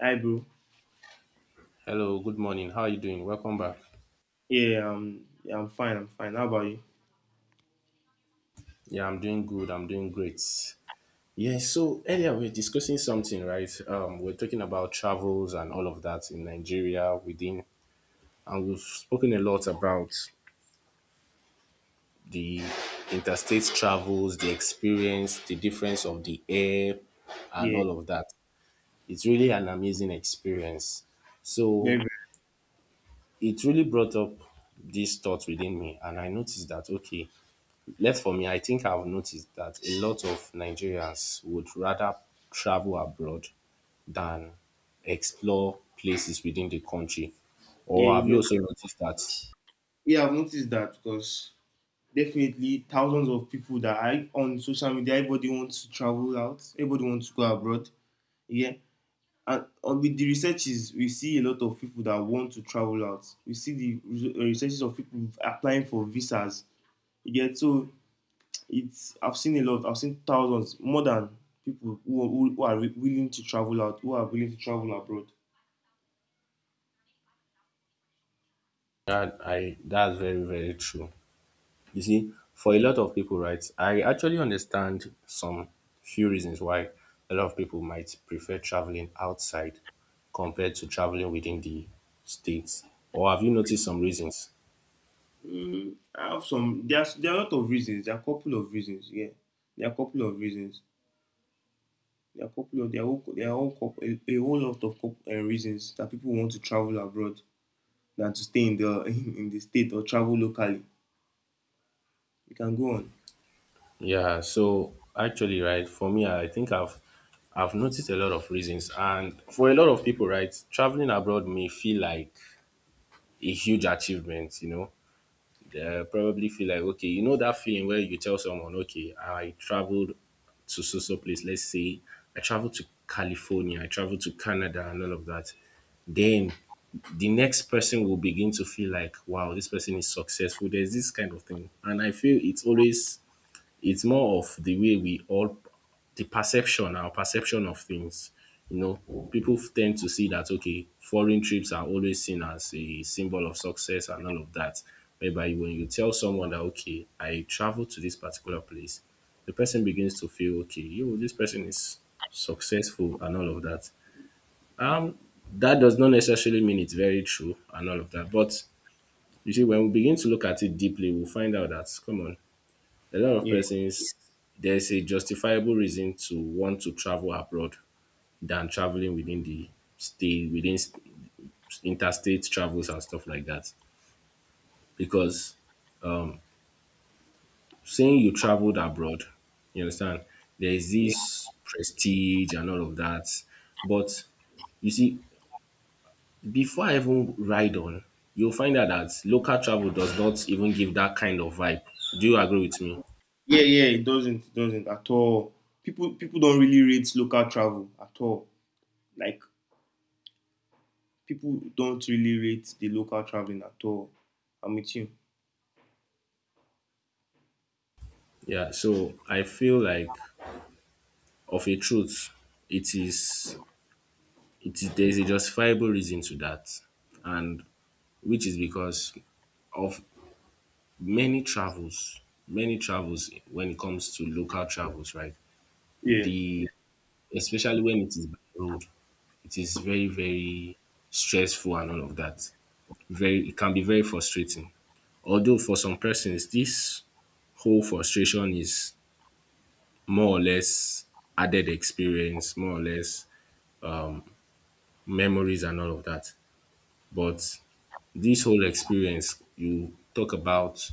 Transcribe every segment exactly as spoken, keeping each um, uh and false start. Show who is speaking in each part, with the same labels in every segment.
Speaker 1: Hi, bro.
Speaker 2: Hello, good morning. How are you doing? Welcome back.
Speaker 1: Yeah, um, yeah, I'm fine. I'm fine. How about you?
Speaker 2: Yeah, I'm doing good. I'm doing great. Yeah, so earlier we were discussing something, right? Um, we are talking about travels and all of that in Nigeria within, and we've spoken a lot about the interstate travels, the experience, the difference of the air, and
Speaker 1: Yeah,
Speaker 2: all of that. It's really an amazing experience.
Speaker 1: very,
Speaker 2: So
Speaker 1: very.
Speaker 2: it really brought up this thought within me, and I noticed that, okay, left for me, I think I've noticed that a lot of Nigerians would rather travel abroad than explore places within the country.
Speaker 1: Yeah,
Speaker 2: Or
Speaker 1: you
Speaker 2: have you
Speaker 1: know,
Speaker 2: also noticed that?
Speaker 1: yeah. I've noticed that because definitely thousands of people that are on social media, everybody wants to travel out. Everybody wants to go abroad. Yeah, and on with the researches, we see a lot of people that want to travel out. We see the re- researches of people applying for visas. Yeah, so it's. I've seen a lot. I've seen thousands, more than people who, are- who, who are willing to travel out, who are willing to travel abroad.
Speaker 2: That I That's very, very true. You see, for a lot of people, right, I actually understand some few reasons why a lot of people might prefer traveling outside compared to traveling within the states. Or have you noticed some reasons?
Speaker 1: Mm, I have some. There's there are a lot of reasons. There are a couple of reasons. Yeah, there are a couple of reasons. There are a couple of there are all, there are all coup- a, a whole lot of coup uh, reasons that people want to travel abroad than to stay in the in, in the state or travel locally. You can go on.
Speaker 2: Yeah, so actually, right, for me, I think I've I've noticed a lot of reasons. And for a lot of people, right, traveling abroad may feel like a huge achievement, you know. They probably feel like, okay, you know that feeling where you tell someone, okay, I traveled to so so place, let's say I traveled to California, I traveled to Canada and all of that. Then the next person will begin to feel like, wow, this person is successful. There's this kind of thing. And I feel it's always it's more of the way we all, the perception, our perception of things. You know, people tend to see that, okay, foreign trips are always seen as a symbol of success and all of that. Whereby when you tell someone that, okay, I travel to this particular place, the person begins to feel, okay, yo, this person is successful and all of that. Um, that does not necessarily mean it's very true and all of that. But you see, when we begin to look at it deeply, we'll find out that, come on, a lot of
Speaker 1: Yeah,
Speaker 2: persons, there's a justifiable reason to want to travel abroad than traveling within the state, within s- interstate travels and stuff like that, because um saying you traveled abroad, you understand, there is
Speaker 1: yeah,
Speaker 2: this prestige and all of that. But you see, before I even ride on, you'll find out that local travel does not even give that kind of vibe. Do you agree with me?
Speaker 1: yeah, yeah. It doesn't it doesn't at all. People people don't really rate local travel at all. Like people don't really rate the local traveling at all. I'm with you.
Speaker 2: Yeah, so I feel like, of a truth, it is it is there is a justifiable reason to that, and which is because of many travels, many travels when it comes to local travels, right?
Speaker 1: Yeah.
Speaker 2: The Especially when it is by road, it is very, very stressful and all of that. Very It can be very frustrating. Although for some persons, this whole frustration is more or less added experience, more or less memories and all of that. But this whole experience, you talk about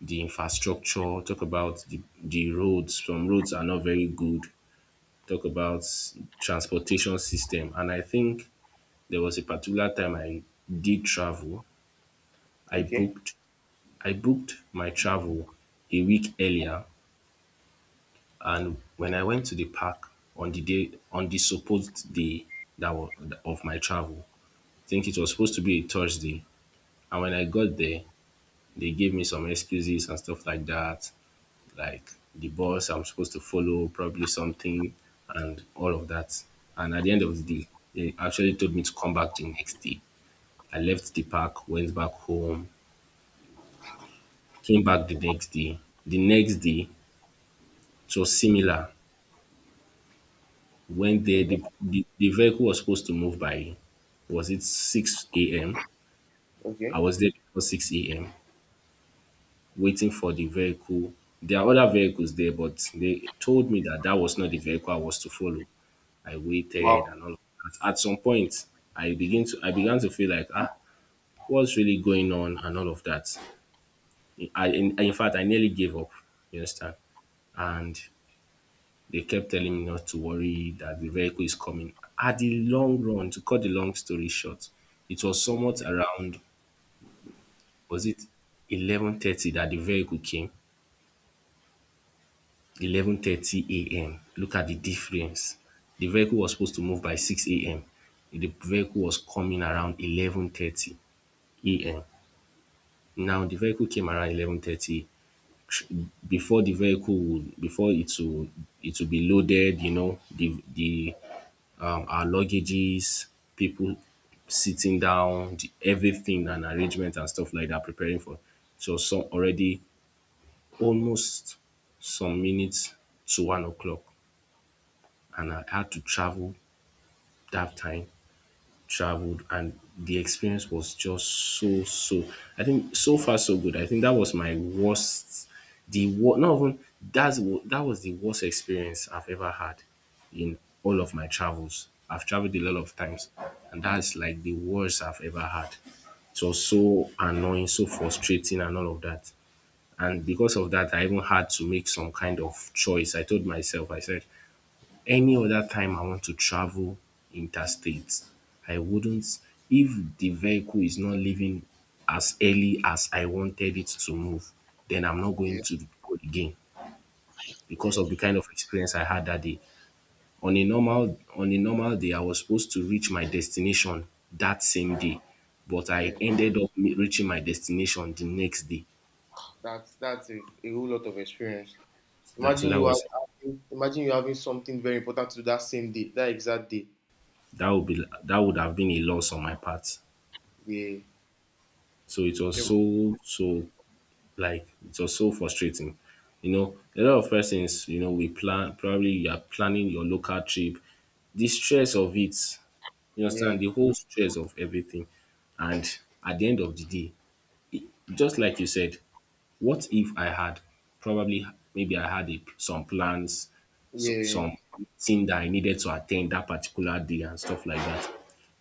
Speaker 2: the infrastructure, talk about the, the roads. Some roads are not very good. Talk about transportation system. And I think there was a particular time I did travel. I
Speaker 1: Okay.
Speaker 2: booked I booked my travel a week earlier, and when I went to the park, on the day on the supposed day that was of my travel, I think it was supposed to be a Thursday. And when I got there, they gave me some excuses and stuff like that, like the boss I'm supposed to follow, probably something, and all of that. And at the end of the day, they actually told me to come back the next day. I left the park, went back home, came back the next day. The next day, it was similar. When the,
Speaker 1: Okay.
Speaker 2: the, the, the vehicle was supposed to move by, was it six a m? I
Speaker 1: Okay.
Speaker 2: was there before six a m waiting for the vehicle. There are other vehicles there, but they told me that that was not the vehicle I was to follow. I
Speaker 1: Wow.
Speaker 2: waited and all of that. At some point, I begin to I began to feel like, ah, what's really going on and all of that. I in, in fact I nearly gave up. You understand? And they kept telling me not to worry that the vehicle is coming. At the long run, to cut the long story short, it was somewhat around, was it eleven thirty that the vehicle came, eleven thirty a m. Look at the difference. The vehicle was supposed to move by six a m. The vehicle was coming around eleven thirty a m. Now the vehicle came around eleven thirty. Before the vehicle would, before it would, it would be loaded. You know, the the um, our luggages, people sitting down, the, everything and arrangement and stuff like that, preparing for. So some already almost some minutes to one o'clock. And I had to travel that time. Traveled and the experience was just so so. I think so far so good. I think that was my worst. The what not even that's wa- That was the worst experience I've ever had in all of my travels. I've traveled a lot of times, and that's like the worst I've ever had. It was so annoying, so frustrating, and all of that. And because of that, I even had to make some kind of choice. I told myself, I said, any other time I want to travel interstate, I wouldn't, if the vehicle is not leaving as early as I wanted it to move, then I'm not going
Speaker 1: Yeah.
Speaker 2: to go again because
Speaker 1: Yeah.
Speaker 2: of the kind of experience I had that day. On a normal on a normal day, I was supposed to reach my destination that same day, but I
Speaker 1: Yeah,
Speaker 2: ended up me- reaching my destination the next day.
Speaker 1: that's that's a, a whole lot of experience.
Speaker 2: That so
Speaker 1: Imagine
Speaker 2: that
Speaker 1: you are
Speaker 2: was
Speaker 1: having, imagine you having something very important to do that same day, that exact day.
Speaker 2: that would be, that would have been a loss on my part.
Speaker 1: Yeah,
Speaker 2: So it was so so. Like it was so frustrating. You know, a lot of persons, you know, we plan, probably you are planning your local trip. The stress of it, you
Speaker 1: yeah,
Speaker 2: understand, the whole stress of everything. And at the end of the day, just like you said, what if I had probably, maybe I had a, some plans, so,
Speaker 1: yeah,
Speaker 2: some thing that I needed to attend that particular day and stuff like that.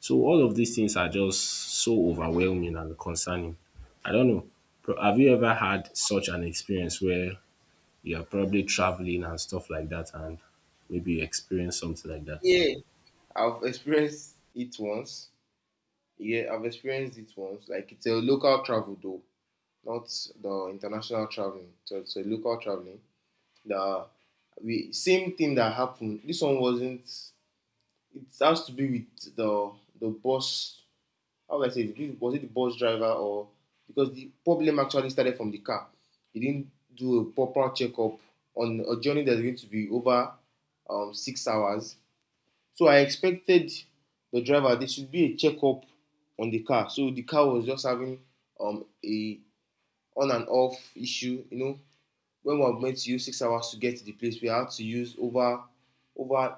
Speaker 2: So all of these things are just so overwhelming and concerning. I don't know. Pro- Have you ever had such an experience where you're probably traveling and stuff like that and maybe you experience something like that?
Speaker 1: yeah. I've experienced it once. Yeah, I've experienced it once. Like it's a local travel though, not the international traveling. So it's a local traveling. The we same thing that happened. This one wasn't. It has to be with the the bus, how would I say it? Was it the bus driver, or because the problem actually started from the car? He didn't do a proper checkup on a journey that's going to be over um, six hours. So I expected the driver there should be a checkup on the car. So the car was just having um, a on and off issue, you know, when we were meant to use six hours to get to the place, we had to use over over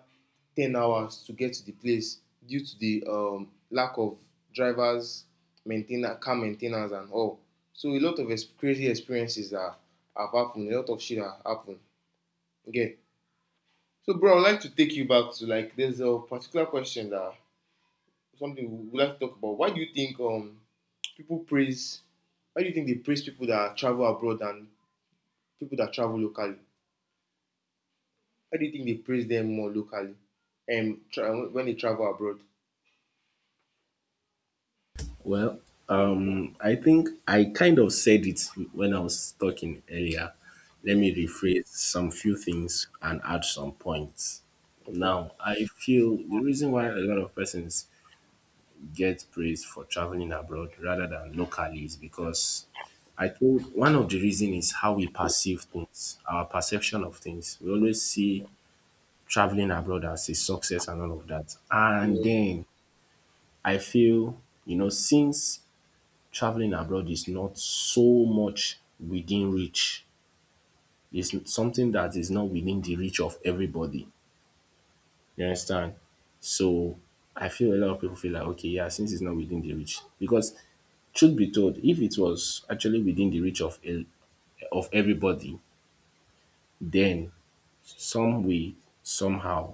Speaker 1: ten hours to get to the place due to the um, lack of drivers, maintainer, car maintainers, and all. So a lot of crazy experiences that have happened. A lot of shit that happened. Okay. So, bro, I'd like to take you back to, like, there's a particular question that something we would like to talk about. Why do you think um people praise? Why do you think they praise people that travel abroad and people that travel locally? How do you think they praise them more locally? Um, tra- when they travel abroad.
Speaker 2: Well, um, I think I kind of said it when I was talking earlier. Let
Speaker 1: Yeah.
Speaker 2: me rephrase some few things and add some points.
Speaker 1: Okay.
Speaker 2: Now, I feel the reason why a lot of persons get praised for traveling abroad rather than locally is because I think one of the reason is how we perceive things, our perception of things. We always see traveling abroad as a success and all of that. And
Speaker 1: Yeah.
Speaker 2: then I feel, you know, since traveling abroad is not so much within reach. It's something that is not within the reach of everybody. You understand? So I feel a lot of people feel like, okay, yeah, since it's not within the reach, because truth be told, if it was actually within the reach of el- of everybody, then some way, somehow,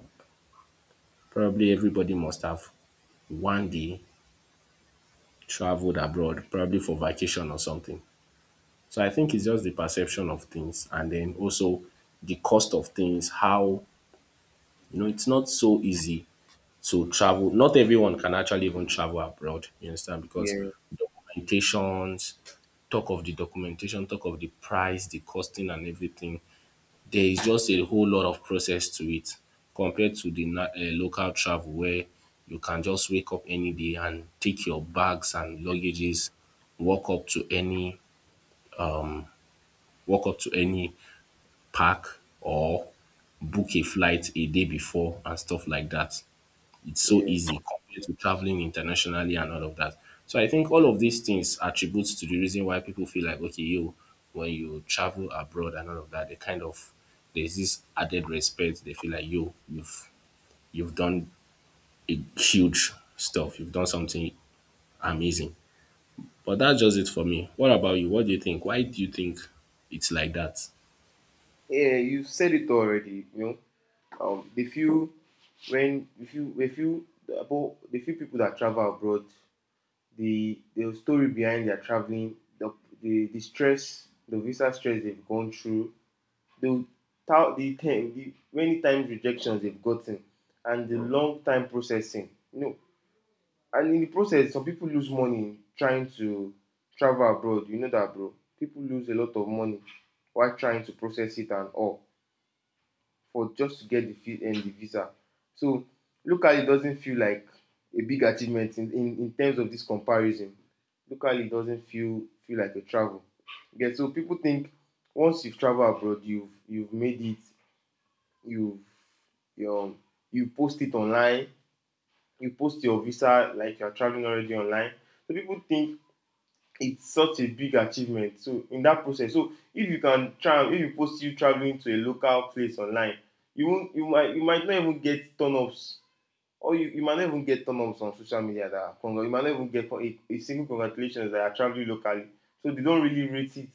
Speaker 2: probably everybody must have one day traveled abroad, probably for vacation or something. So I think it's just the perception of things and then also the cost of things, how you know it's not so easy to travel. Not everyone can actually even travel abroad, you understand? Because
Speaker 1: Yeah.
Speaker 2: documentations, talk of the documentation, talk of the price, the costing and everything. There is just a whole lot of process to it compared to the na- eh, local travel where you can just wake up any day and take your bags and luggages, walk up to any walk up to any park or book a flight a day before and stuff like that. It's so
Speaker 1: Yeah.
Speaker 2: easy compared to traveling internationally and all of that. So I think all of these things attributes to the reason why people feel like, okay, you, when you travel abroad and all of that, they kind of, there's this added respect. They feel like you you've you've done a huge stuff. You've done something amazing. But that's just it for me. What about you? What do you think? Why do you think it's like that?
Speaker 1: Yeah. You said it already. You know, um, the few when if you if you about the few people that travel abroad, the the story behind their traveling, the the, the stress, the visa stress they've gone through, the thou- the, ten- the many times rejections they've gotten, and the long time processing. You know, And in the process, some people lose money trying to travel abroad. You know that, bro. People lose a lot of money while trying to process it and all for just to get the, fi- and the visa. So locally, it doesn't feel like a big achievement in, in, in terms of this comparison. Locally, it doesn't feel feel like a travel. Yeah, so people think once you've traveled abroad, you've you've made it, you've, you know, you post it online, you post your visa like you're traveling already online. So people think it's such a big achievement. So in that process, so if you can travel, if you post you traveling to a local place online, you won't, you might, you might not even get turn ups, or you, you might not even get turn ups on social media that are congr- you might not even get con- a, a single congratulations that are traveling locally. So they don't really rate it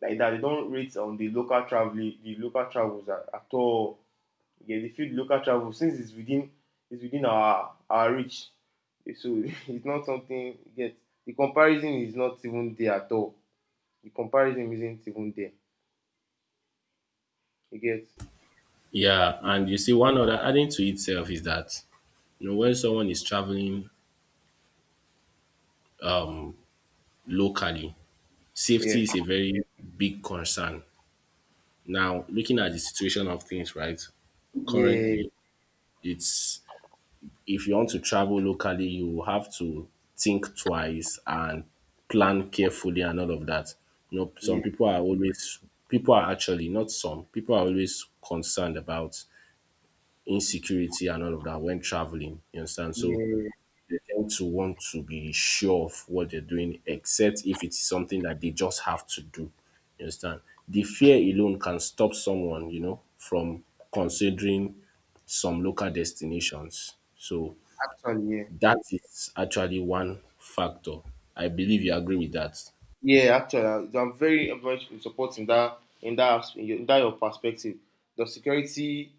Speaker 1: like that. They don't rate on the local traveling, the local travels at, at all. Yes, if you the local travel since it's within it's within our our reach. Eh, so it's not something yet. The comparison is not even there at all. The comparison isn't even there. You get?
Speaker 2: Yeah, and you see, one other adding to itself is that you know when someone is traveling um, locally, safety
Speaker 1: Yeah.
Speaker 2: is a very big concern. Now, looking at the situation of things, right?
Speaker 1: Yeah,
Speaker 2: Currently, it's, if you want to travel locally, you have to think twice and plan carefully and all of that. You know,
Speaker 1: yeah,
Speaker 2: some people are always people are actually not, some people are always concerned about insecurity and all of that when traveling. You understand? So
Speaker 1: yeah.
Speaker 2: they tend to want to be sure of what they're doing, except if it's something that they just have to do. You understand? The fear alone can stop someone, you know, from considering some local destinations. So
Speaker 1: Actually, yeah,
Speaker 2: that is actually one factor. I believe you agree with that.
Speaker 1: yeah. Actually, I- I'm very much in support in that in that asp- in your, in that your perspective. The security,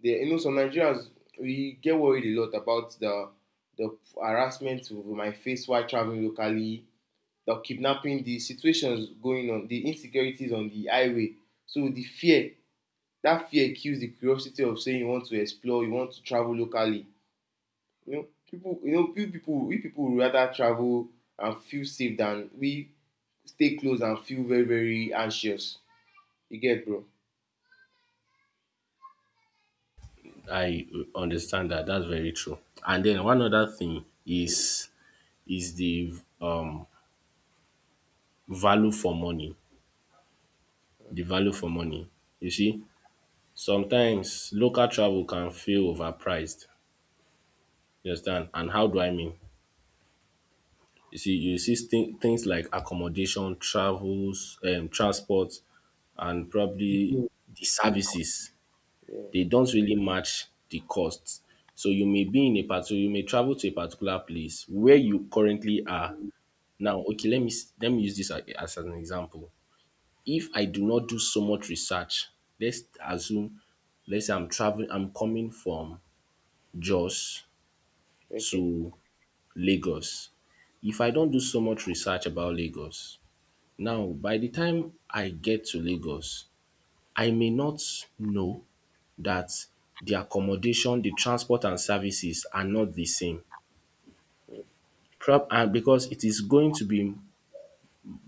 Speaker 1: the, you know, some Nigerians, we get worried a lot about the the harassment we might face while traveling locally, the kidnapping, the situations going on, the insecurities on the highway. So the fear, that fear kills the curiosity of saying you want to explore, you want to travel locally. You know, people, you know, few people, we people rather travel and feel safe than we stay close and feel very, very anxious. You get, bro?
Speaker 2: I uh, understand that. That's very true. And then one other thing is is the um value for money. The value for money. You see, sometimes local travel can feel overpriced, you understand? And how do I mean? You see, you see thi- things like accommodation, travels, um, transport, and probably
Speaker 1: Yeah.
Speaker 2: the services.
Speaker 1: Yeah.
Speaker 2: They don't really match the costs. So you may be in a particular, you may travel to a particular place where you currently are. Now, okay, let me s- let me use this a- as an example. If I do not do so much research, let's assume, let's say I'm traveling, I'm coming from Jos
Speaker 1: Okay.
Speaker 2: to Lagos. If I don do so much research about Lagos, now by the time I get to Lagos, I may not know that the accommodation, the transport and services are not the same prob and because it is going to be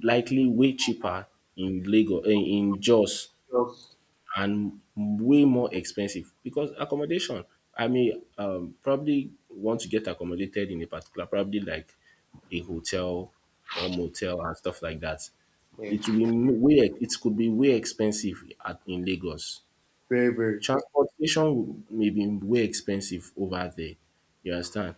Speaker 2: likely way cheaper in Lagos, eh, in Jos and way more expensive because accommodation i mean, um, probably want to get accommodated in a particular probably like a hotel or motel and stuff like that.
Speaker 1: Yeah.
Speaker 2: it will be m- way it could be way expensive at, in Lagos.
Speaker 1: Very, very.
Speaker 2: Transportation may be way expensive over there, you understand,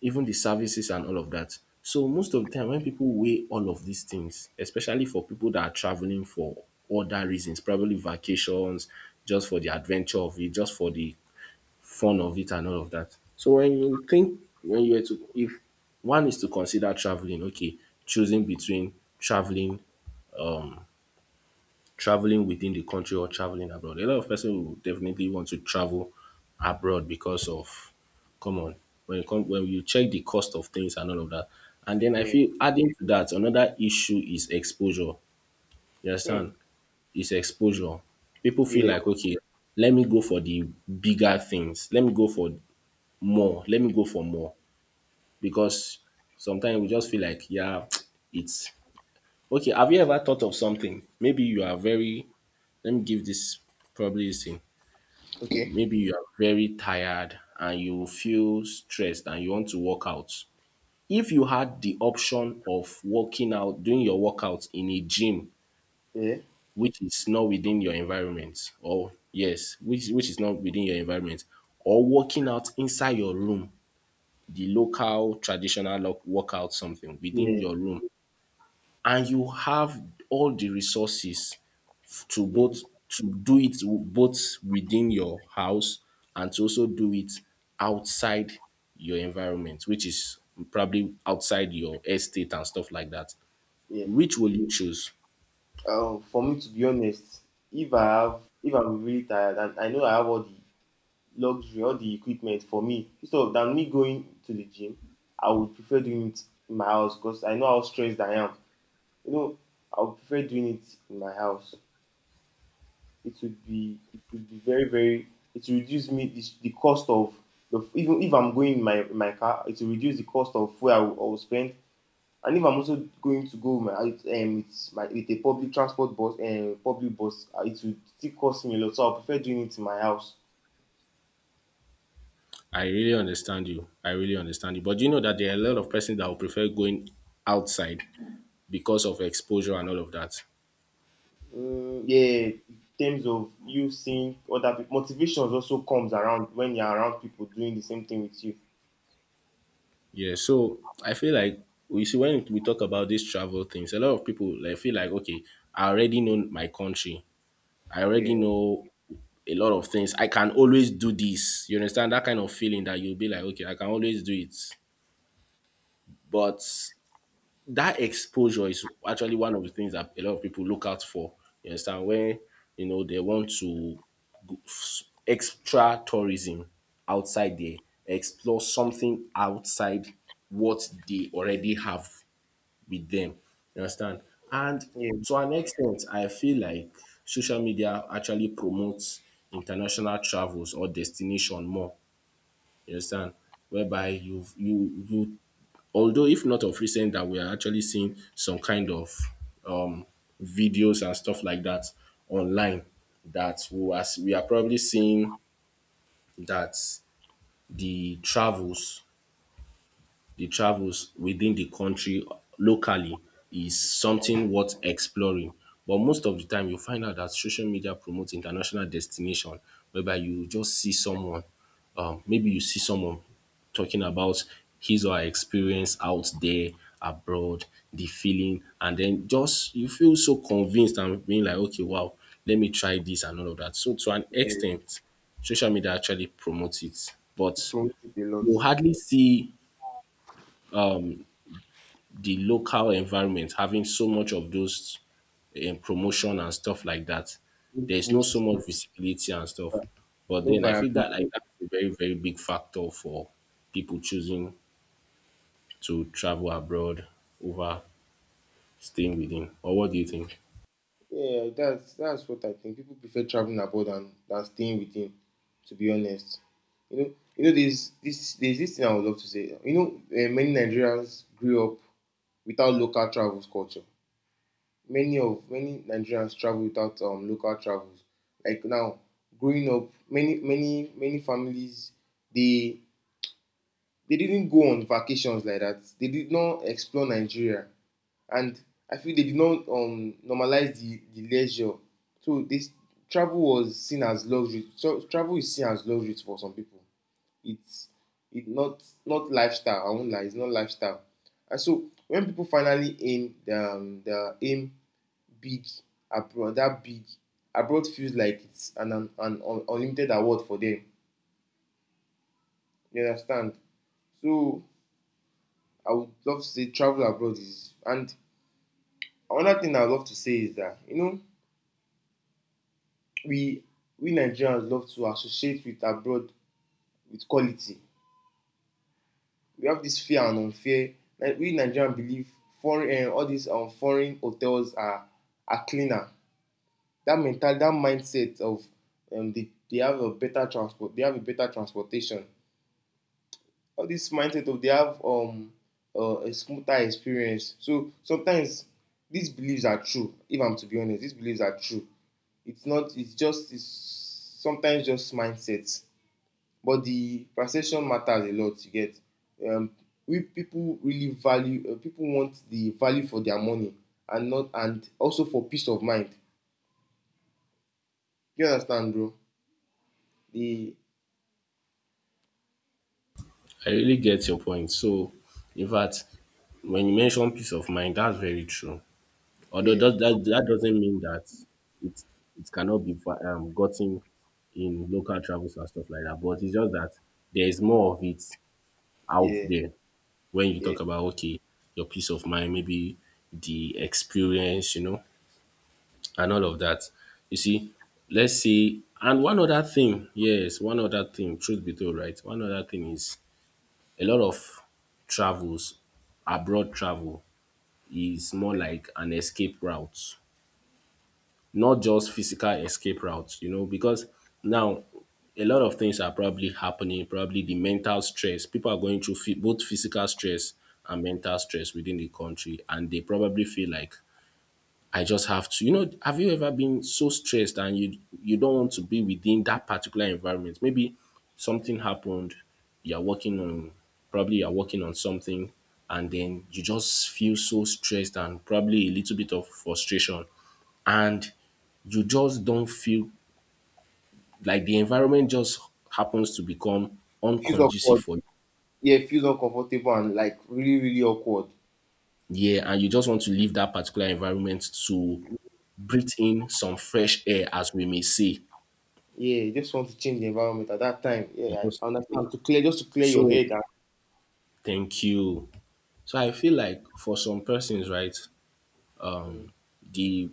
Speaker 2: even the services and all of that. So most of the time when people weigh all of these things, especially for people that are traveling for other reasons, probably vacations, just for the adventure of it, just for the fun of it and all of that. So when you think when you were to if one is to consider traveling, okay, choosing between traveling um traveling within the country or traveling abroad. A lot of person will definitely want to travel abroad because of, come on, when you come when you check the cost of things and all of that. And then I
Speaker 1: Yeah.
Speaker 2: feel adding to that, another issue is exposure. You
Speaker 1: Hmm.
Speaker 2: understand? It's exposure. People feel
Speaker 1: Yeah.
Speaker 2: like, okay, let me go for the bigger things. Let me go for more. Let me go for more because sometimes we just feel like, yeah, it's okay. Have you ever thought of something? Maybe you are very Let me give this probably a sin.
Speaker 1: Okay.
Speaker 2: Maybe you are very tired and you feel stressed and you want to work out. If you had the option of working out, doing your workout in a gym,
Speaker 1: Yeah.
Speaker 2: which is not within your environment, or yes, which, which is not within your environment, or working out inside your room, the local traditional lo- workout something within
Speaker 1: Yeah.
Speaker 2: your room, and you have all the resources f- to both
Speaker 1: In,
Speaker 2: to do it w- both within your house and to also do it outside your environment, which is probably outside your estate and stuff like that.
Speaker 1: yeah.
Speaker 2: Which will you choose?
Speaker 1: Um, for me, to be honest, if I have, if I'm really tired and I know I have all the luxury, all the equipment for me, instead of than me going to the gym, I would prefer doing it in my house because I know how stressed I am. You know, I would prefer doing it in my house. It would be, it would be very, very, it will reduce me the, the cost of the, even if I'm going in my my car, it will reduce the cost of where I will, I will spend, and if I'm also going to go with my um, with my with a public transport bus um, public bus, uh, it would still cost me a lot. So I prefer doing it in my house.
Speaker 2: I really understand you. I really understand you. But you know that there are a lot of persons that will prefer going outside because of exposure and all of that.
Speaker 1: Mm, yeah, in terms of you seeing other people, motivation also comes around when you're around people doing the same thing with you.
Speaker 2: Yeah, so I feel like we see when we talk about these travel things, a lot of people like feel like, okay, I already know my country, I already
Speaker 1: Yeah,
Speaker 2: know a lot of things. I can always do this. You understand that kind of feeling that you'll be like, okay, I can always do it. But that exposure is actually one of the things that a lot of people look out for. You understand, when you know they want to extra tourism outside there, explore something outside what they already have with them. You understand? And
Speaker 1: yeah,
Speaker 2: to an extent, I feel like social media actually promotes international travels or destination more. You understand? Whereby you you you although if not of recent that we are actually seeing some kind of um videos and stuff like that online that we are, we are probably seeing that the travels the travels within the country locally is something worth exploring. But most of the time you find out that social media promotes international destination whereby you just see someone, um, maybe you see someone talking about his or her experience out there abroad, the feeling, and then just you feel so convinced and being like, okay, wow, let me try this and all of that. So to an
Speaker 1: yeah.
Speaker 2: extent, social media actually promotes it, but
Speaker 1: Promote it a lot.
Speaker 2: you hardly see the local environment having so much of those um, promotion and stuff like that.
Speaker 1: No
Speaker 2: There's no so
Speaker 1: Boost,
Speaker 2: much visibility and stuff.
Speaker 1: uh,
Speaker 2: But
Speaker 1: no
Speaker 2: then I feel that like
Speaker 1: variability.
Speaker 2: that's a very, very big factor for people choosing to travel abroad over staying within. Or what do you think?
Speaker 1: Yeah, that's that's what I think. People prefer traveling abroad than, than staying within, to be honest. You know, you know, there's this there's this thing I would love to say. You know, uh, many Nigerians grew up without local travels culture. Many of many Nigerians travel without um local travels. Like now, growing up, many many many families they they didn't go on vacations like that. They did not explore Nigeria, and I feel they did not um, normalize the, the leisure. So this travel was seen as luxury. So travel is seen as luxury for some people. It's it not not lifestyle. I won't lie, it's not lifestyle. And so when people finally aim the um, the aim big abroad, that big abroad feels like it's an an, an unlimited award for them. You understand? So I would love to say travel abroad is, and another thing I love to say is that, you know, we we Nigerians love to associate with abroad with quality. We have this fair and unfair. Like we Nigerians believe foreign, uh, all these, um, foreign hotels are are cleaner. That mental, that mindset of, um, they, they have a better transport, they have a better transportation, all this mindset of they have um uh, a smoother experience. So sometimes these beliefs are true. If I'm to be honest, these beliefs are true. It's not. It's just. It's sometimes just mindsets. But the perception matters a lot. You get. Um, we people really value. Uh, people want the value for their money, and not, and also for peace of mind. You understand, bro? The
Speaker 2: I really get your point. So in fact, when you mention peace of mind, that's very true. Although
Speaker 1: yeah,
Speaker 2: that, that, that doesn't mean that it it cannot be fi- um, gotten in local travels and stuff like that. But it's just that there is more of it out
Speaker 1: yeah,
Speaker 2: there when you
Speaker 1: yeah.
Speaker 2: talk about okay, your peace of mind, maybe the experience, you know, and all of that. You see, let's see. And one other thing, yes, one other thing, truth be told, right? One other thing is a lot of travels, abroad travel, is more like an escape route, not just physical escape routes, you know, because now a lot of things are probably happening, probably the mental stress. People are going through phy- both physical stress and mental stress within the country, and they probably feel like I just have to, you know, have you ever been so stressed and you you don't want to be within that particular environment? Maybe something happened, you're working on probably you're working on something and then you just feel so stressed and probably a little bit of frustration and you just don't feel like the environment just happens to become
Speaker 1: Feels
Speaker 2: unconducive
Speaker 1: awkward.
Speaker 2: for you.
Speaker 1: Yeah, feels uncomfortable and like really, really awkward.
Speaker 2: Yeah, and you just want to leave that particular environment to breathe in some fresh air, as we may say.
Speaker 1: Yeah, you just want to change the environment at that time.
Speaker 2: You
Speaker 1: Yeah,
Speaker 2: just
Speaker 1: I understand. To clear, just to clear your
Speaker 2: So
Speaker 1: head.
Speaker 2: Thank you. So I feel like for some persons, right,
Speaker 1: And,
Speaker 2: the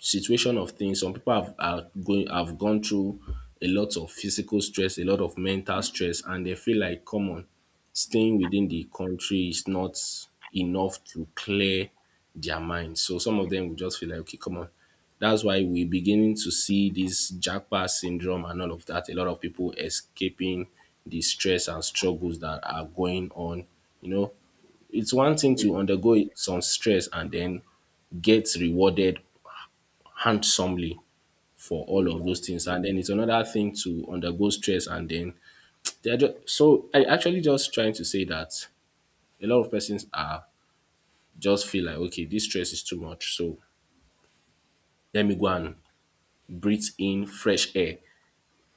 Speaker 2: situation of things, some people have are going have gone through a lot of physical stress, a lot of mental stress, and they feel like come on, staying within the country is not enough to clear their mind. So some of them will just feel like, okay, come on. That's why we're beginning to see this jackpot syndrome and all of that. A lot of people escaping the stress and struggles that are going on, you know, it's one thing to undergo some stress and then get rewarded handsomely for all
Speaker 1: yeah,
Speaker 2: of those things, and then it's another thing to undergo stress and then they're just so I actually just trying to say that a lot of persons are just feel like, okay, this stress is too much, so let me go and breathe in fresh air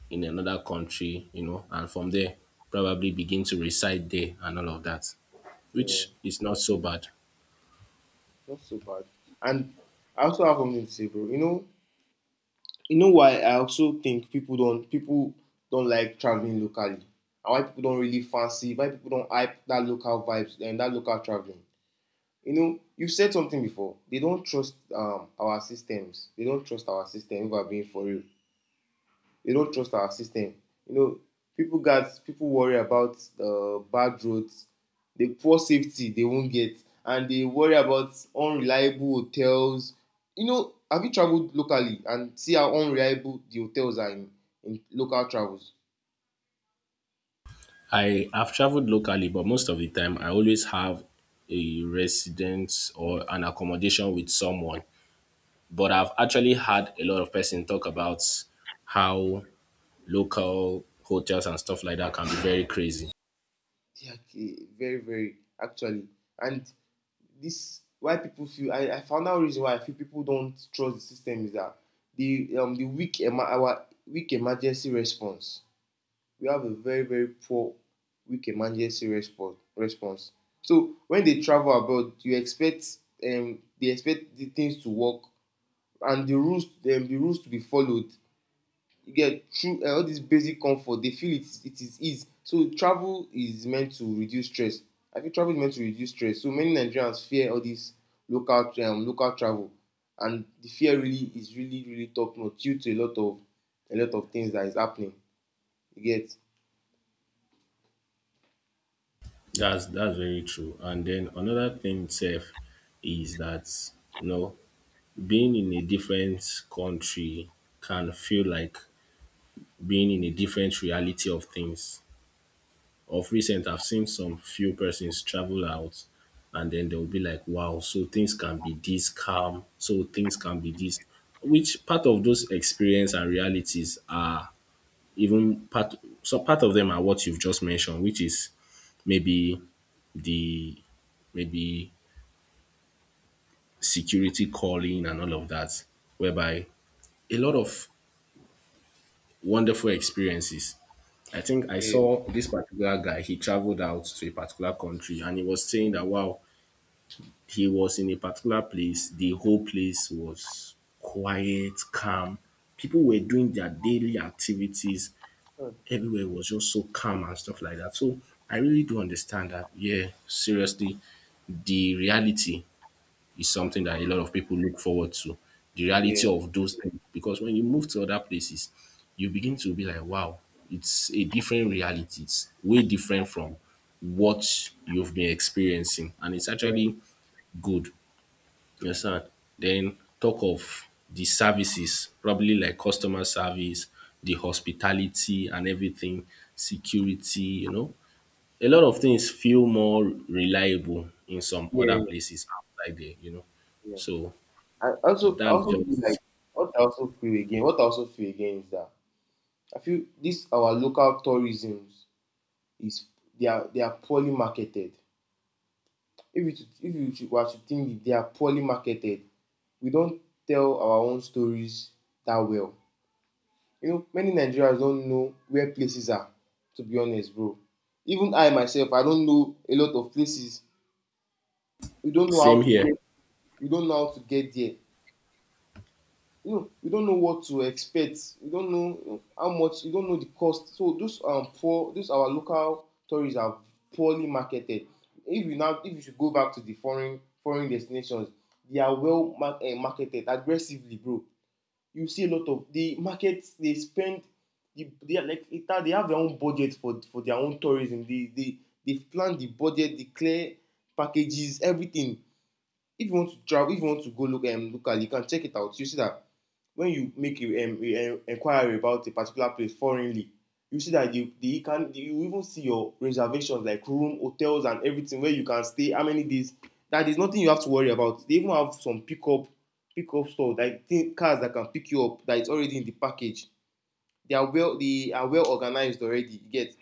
Speaker 2: in another country, you know, and from there probably begin to reside there and all of that,
Speaker 1: yeah,
Speaker 2: which is not so bad.
Speaker 1: not so bad. And I also have something to say, bro. You know, you know why I also think people don't people don't like traveling locally, and why people don't really fancy, why people don't hype that local vibes and that local traveling. You know, you've said something before. They don't trust um our systems. They don't trust our system. If I'm being for real, they don't trust our system. You know, people got people worry about uh, bad roads, the poor safety they won't get, and they worry about unreliable hotels. You know, have you traveled locally and see how unreliable the hotels are in, in local travels?
Speaker 2: I have traveled locally, but most of the time I always have a residence or an accommodation with someone. But I've actually had a lot of person talk about how local hotels and stuff like that can be very crazy.
Speaker 1: They are, eh, very, very, actually. And this why people feel, I, I found out reason why I feel people don't trust the system is that the um the weak ema- our weak emergency response. We have a very, very poor weak emergency response response. So when they travel abroad, you expect, um, they expect the things to work and the rules, um, the rules to be followed. You get through, uh, all this basic comfort they feel it it is ease. So travel is meant to reduce stress. I think travel is meant to reduce stress, so many Nigerians fear all this local, um, local travel, and the fear really is really, really top notch due to a lot of a lot of things that is happening. You get?
Speaker 2: That's that's very true. And then another thing itself is that, you know, being in a different country can feel like being in a different reality of things. Of recent I've seen some few persons travel out and then they'll be like, wow, so things can be this calm, so things can be this, which part of those experience and realities are even part, so part of them are what you've just mentioned, which is maybe the maybe security calling and all of that, whereby a lot of wonderful experiences. I think I
Speaker 1: Yeah.
Speaker 2: saw this particular guy, he traveled out to a particular country and he was saying that, wow, he was in a particular place, the whole place was quiet, calm. People were doing their daily activities.
Speaker 1: Hmm.
Speaker 2: Everywhere was just so calm and stuff like that. So I really do understand that, yeah, seriously, the reality is something that a lot of people look forward to. The
Speaker 1: Yeah,
Speaker 2: reality of those things. Because when you move to other places, you begin to be like, wow, it's a different reality. It's way different from what you've been experiencing. And it's
Speaker 1: yeah,
Speaker 2: actually good, you understand? Then talk of the services, probably like customer service, the hospitality and everything, security, you know. A lot of things feel more reliable in some other
Speaker 1: yeah,
Speaker 2: places outside there, you know.
Speaker 1: yeah.
Speaker 2: So
Speaker 1: I also, I
Speaker 2: that's
Speaker 1: also feel like
Speaker 2: just
Speaker 1: what I also feel again, what I also feel again is that I feel this our local tourism is, they are they are poorly marketed. If you should- if you should- were to think it, they are poorly marketed, we don't tell our own stories that well. You know, many Nigerians don't know where places are. To be honest, bro. Even I myself, I don't know a lot of places. We don't know
Speaker 2: same
Speaker 1: how to
Speaker 2: here.
Speaker 1: get. We don't know how to get there. You know, we don't know what to expect, we don't know, you know, how much, you don't know the cost. So those, um, poor, those our local tourists are poorly marketed. If you now, if you should go back to the foreign foreign destinations, they are well mar uh, marketed aggressively, bro. You see a lot of, they market, they spend, they, they are like later, they have their own budget for for their own tourism. They they they plan the budget, they clear packages, everything. If you want to travel, if you want to go look, um, locally, you can check it out. You see that when you make a, um, a, a inquiry about a particular place foreignly, you see that they they can, you even see your reservations like room hotels and everything, where you can stay, how many days. That is nothing you have to worry about. They even have some pickup pickup store like thing cars that can pick you up that is already in the package. They are well, they are well organized already. You get?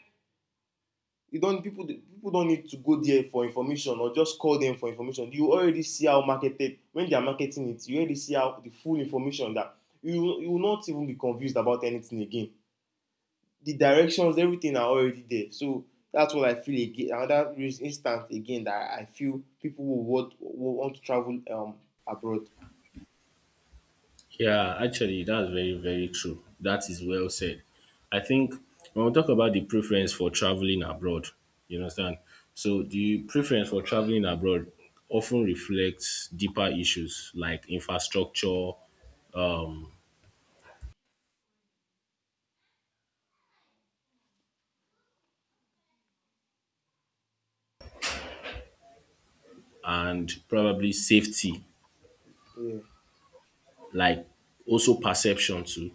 Speaker 1: You don't, people people don't need to go there for information, or just call them for information. You already see how marketed, when they are marketing it, you already see how the full information that you you will not even be confused about anything again. The directions, everything are already there. So that's what I feel again, another reas- instance again that I feel people will want will want to travel, um abroad.
Speaker 2: Yeah, actually, that's very, very true. That is well said. I think when we talk about the preference for traveling abroad, you understand? So, the preference for traveling abroad often reflects deeper issues like infrastructure, um, and probably safety,
Speaker 1: Yeah,
Speaker 2: like also perception to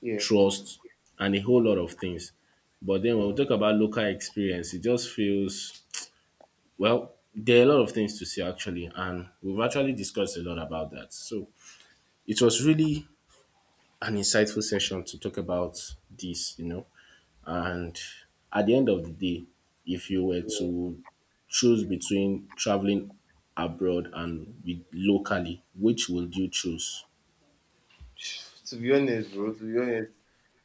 Speaker 1: yeah,
Speaker 2: trust and a whole lot of things. But then when we talk about local experience, it just feels well, there are a lot of things to say actually, and we've actually discussed a lot about that. So it was really an insightful session to talk about this, you know. And at the end of the day, if you were
Speaker 1: yeah.
Speaker 2: to choose between traveling abroad and with locally, which would you choose?
Speaker 1: To be honest, bro, to be honest,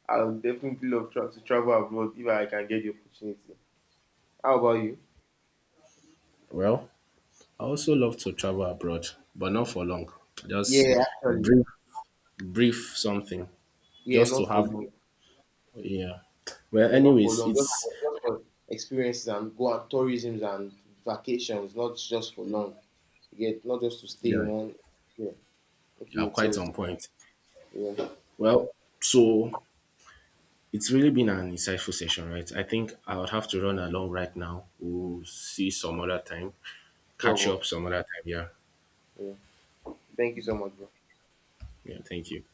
Speaker 1: I would definitely love tra- to travel abroad if I can get the opportunity. How about you?
Speaker 2: Well, I also love to travel abroad, but not for long. Just
Speaker 1: Yeah, actually.
Speaker 2: brief, brief something,
Speaker 1: Yeah,
Speaker 2: just to
Speaker 1: not for
Speaker 2: have,
Speaker 1: long.
Speaker 2: yeah. Well,
Speaker 1: Yeah, not for
Speaker 2: anyways,
Speaker 1: long. Just
Speaker 2: it's
Speaker 1: for, just for experiences and go on tourisms and vacations, not just for long. Yeah, not just to stay in
Speaker 2: yeah.
Speaker 1: one. Yeah.
Speaker 2: Yeah,
Speaker 1: Okay,
Speaker 2: quite
Speaker 1: so
Speaker 2: on point.
Speaker 1: yeah,
Speaker 2: Well, so it's really been an insightful session, right? I think I would have to run along right now. We'll see some other time.
Speaker 1: sure,
Speaker 2: Catch
Speaker 1: bro.
Speaker 2: up some other time. Yeah.
Speaker 1: Yeah. Thank you so much, bro.
Speaker 2: Yeah. Thank you.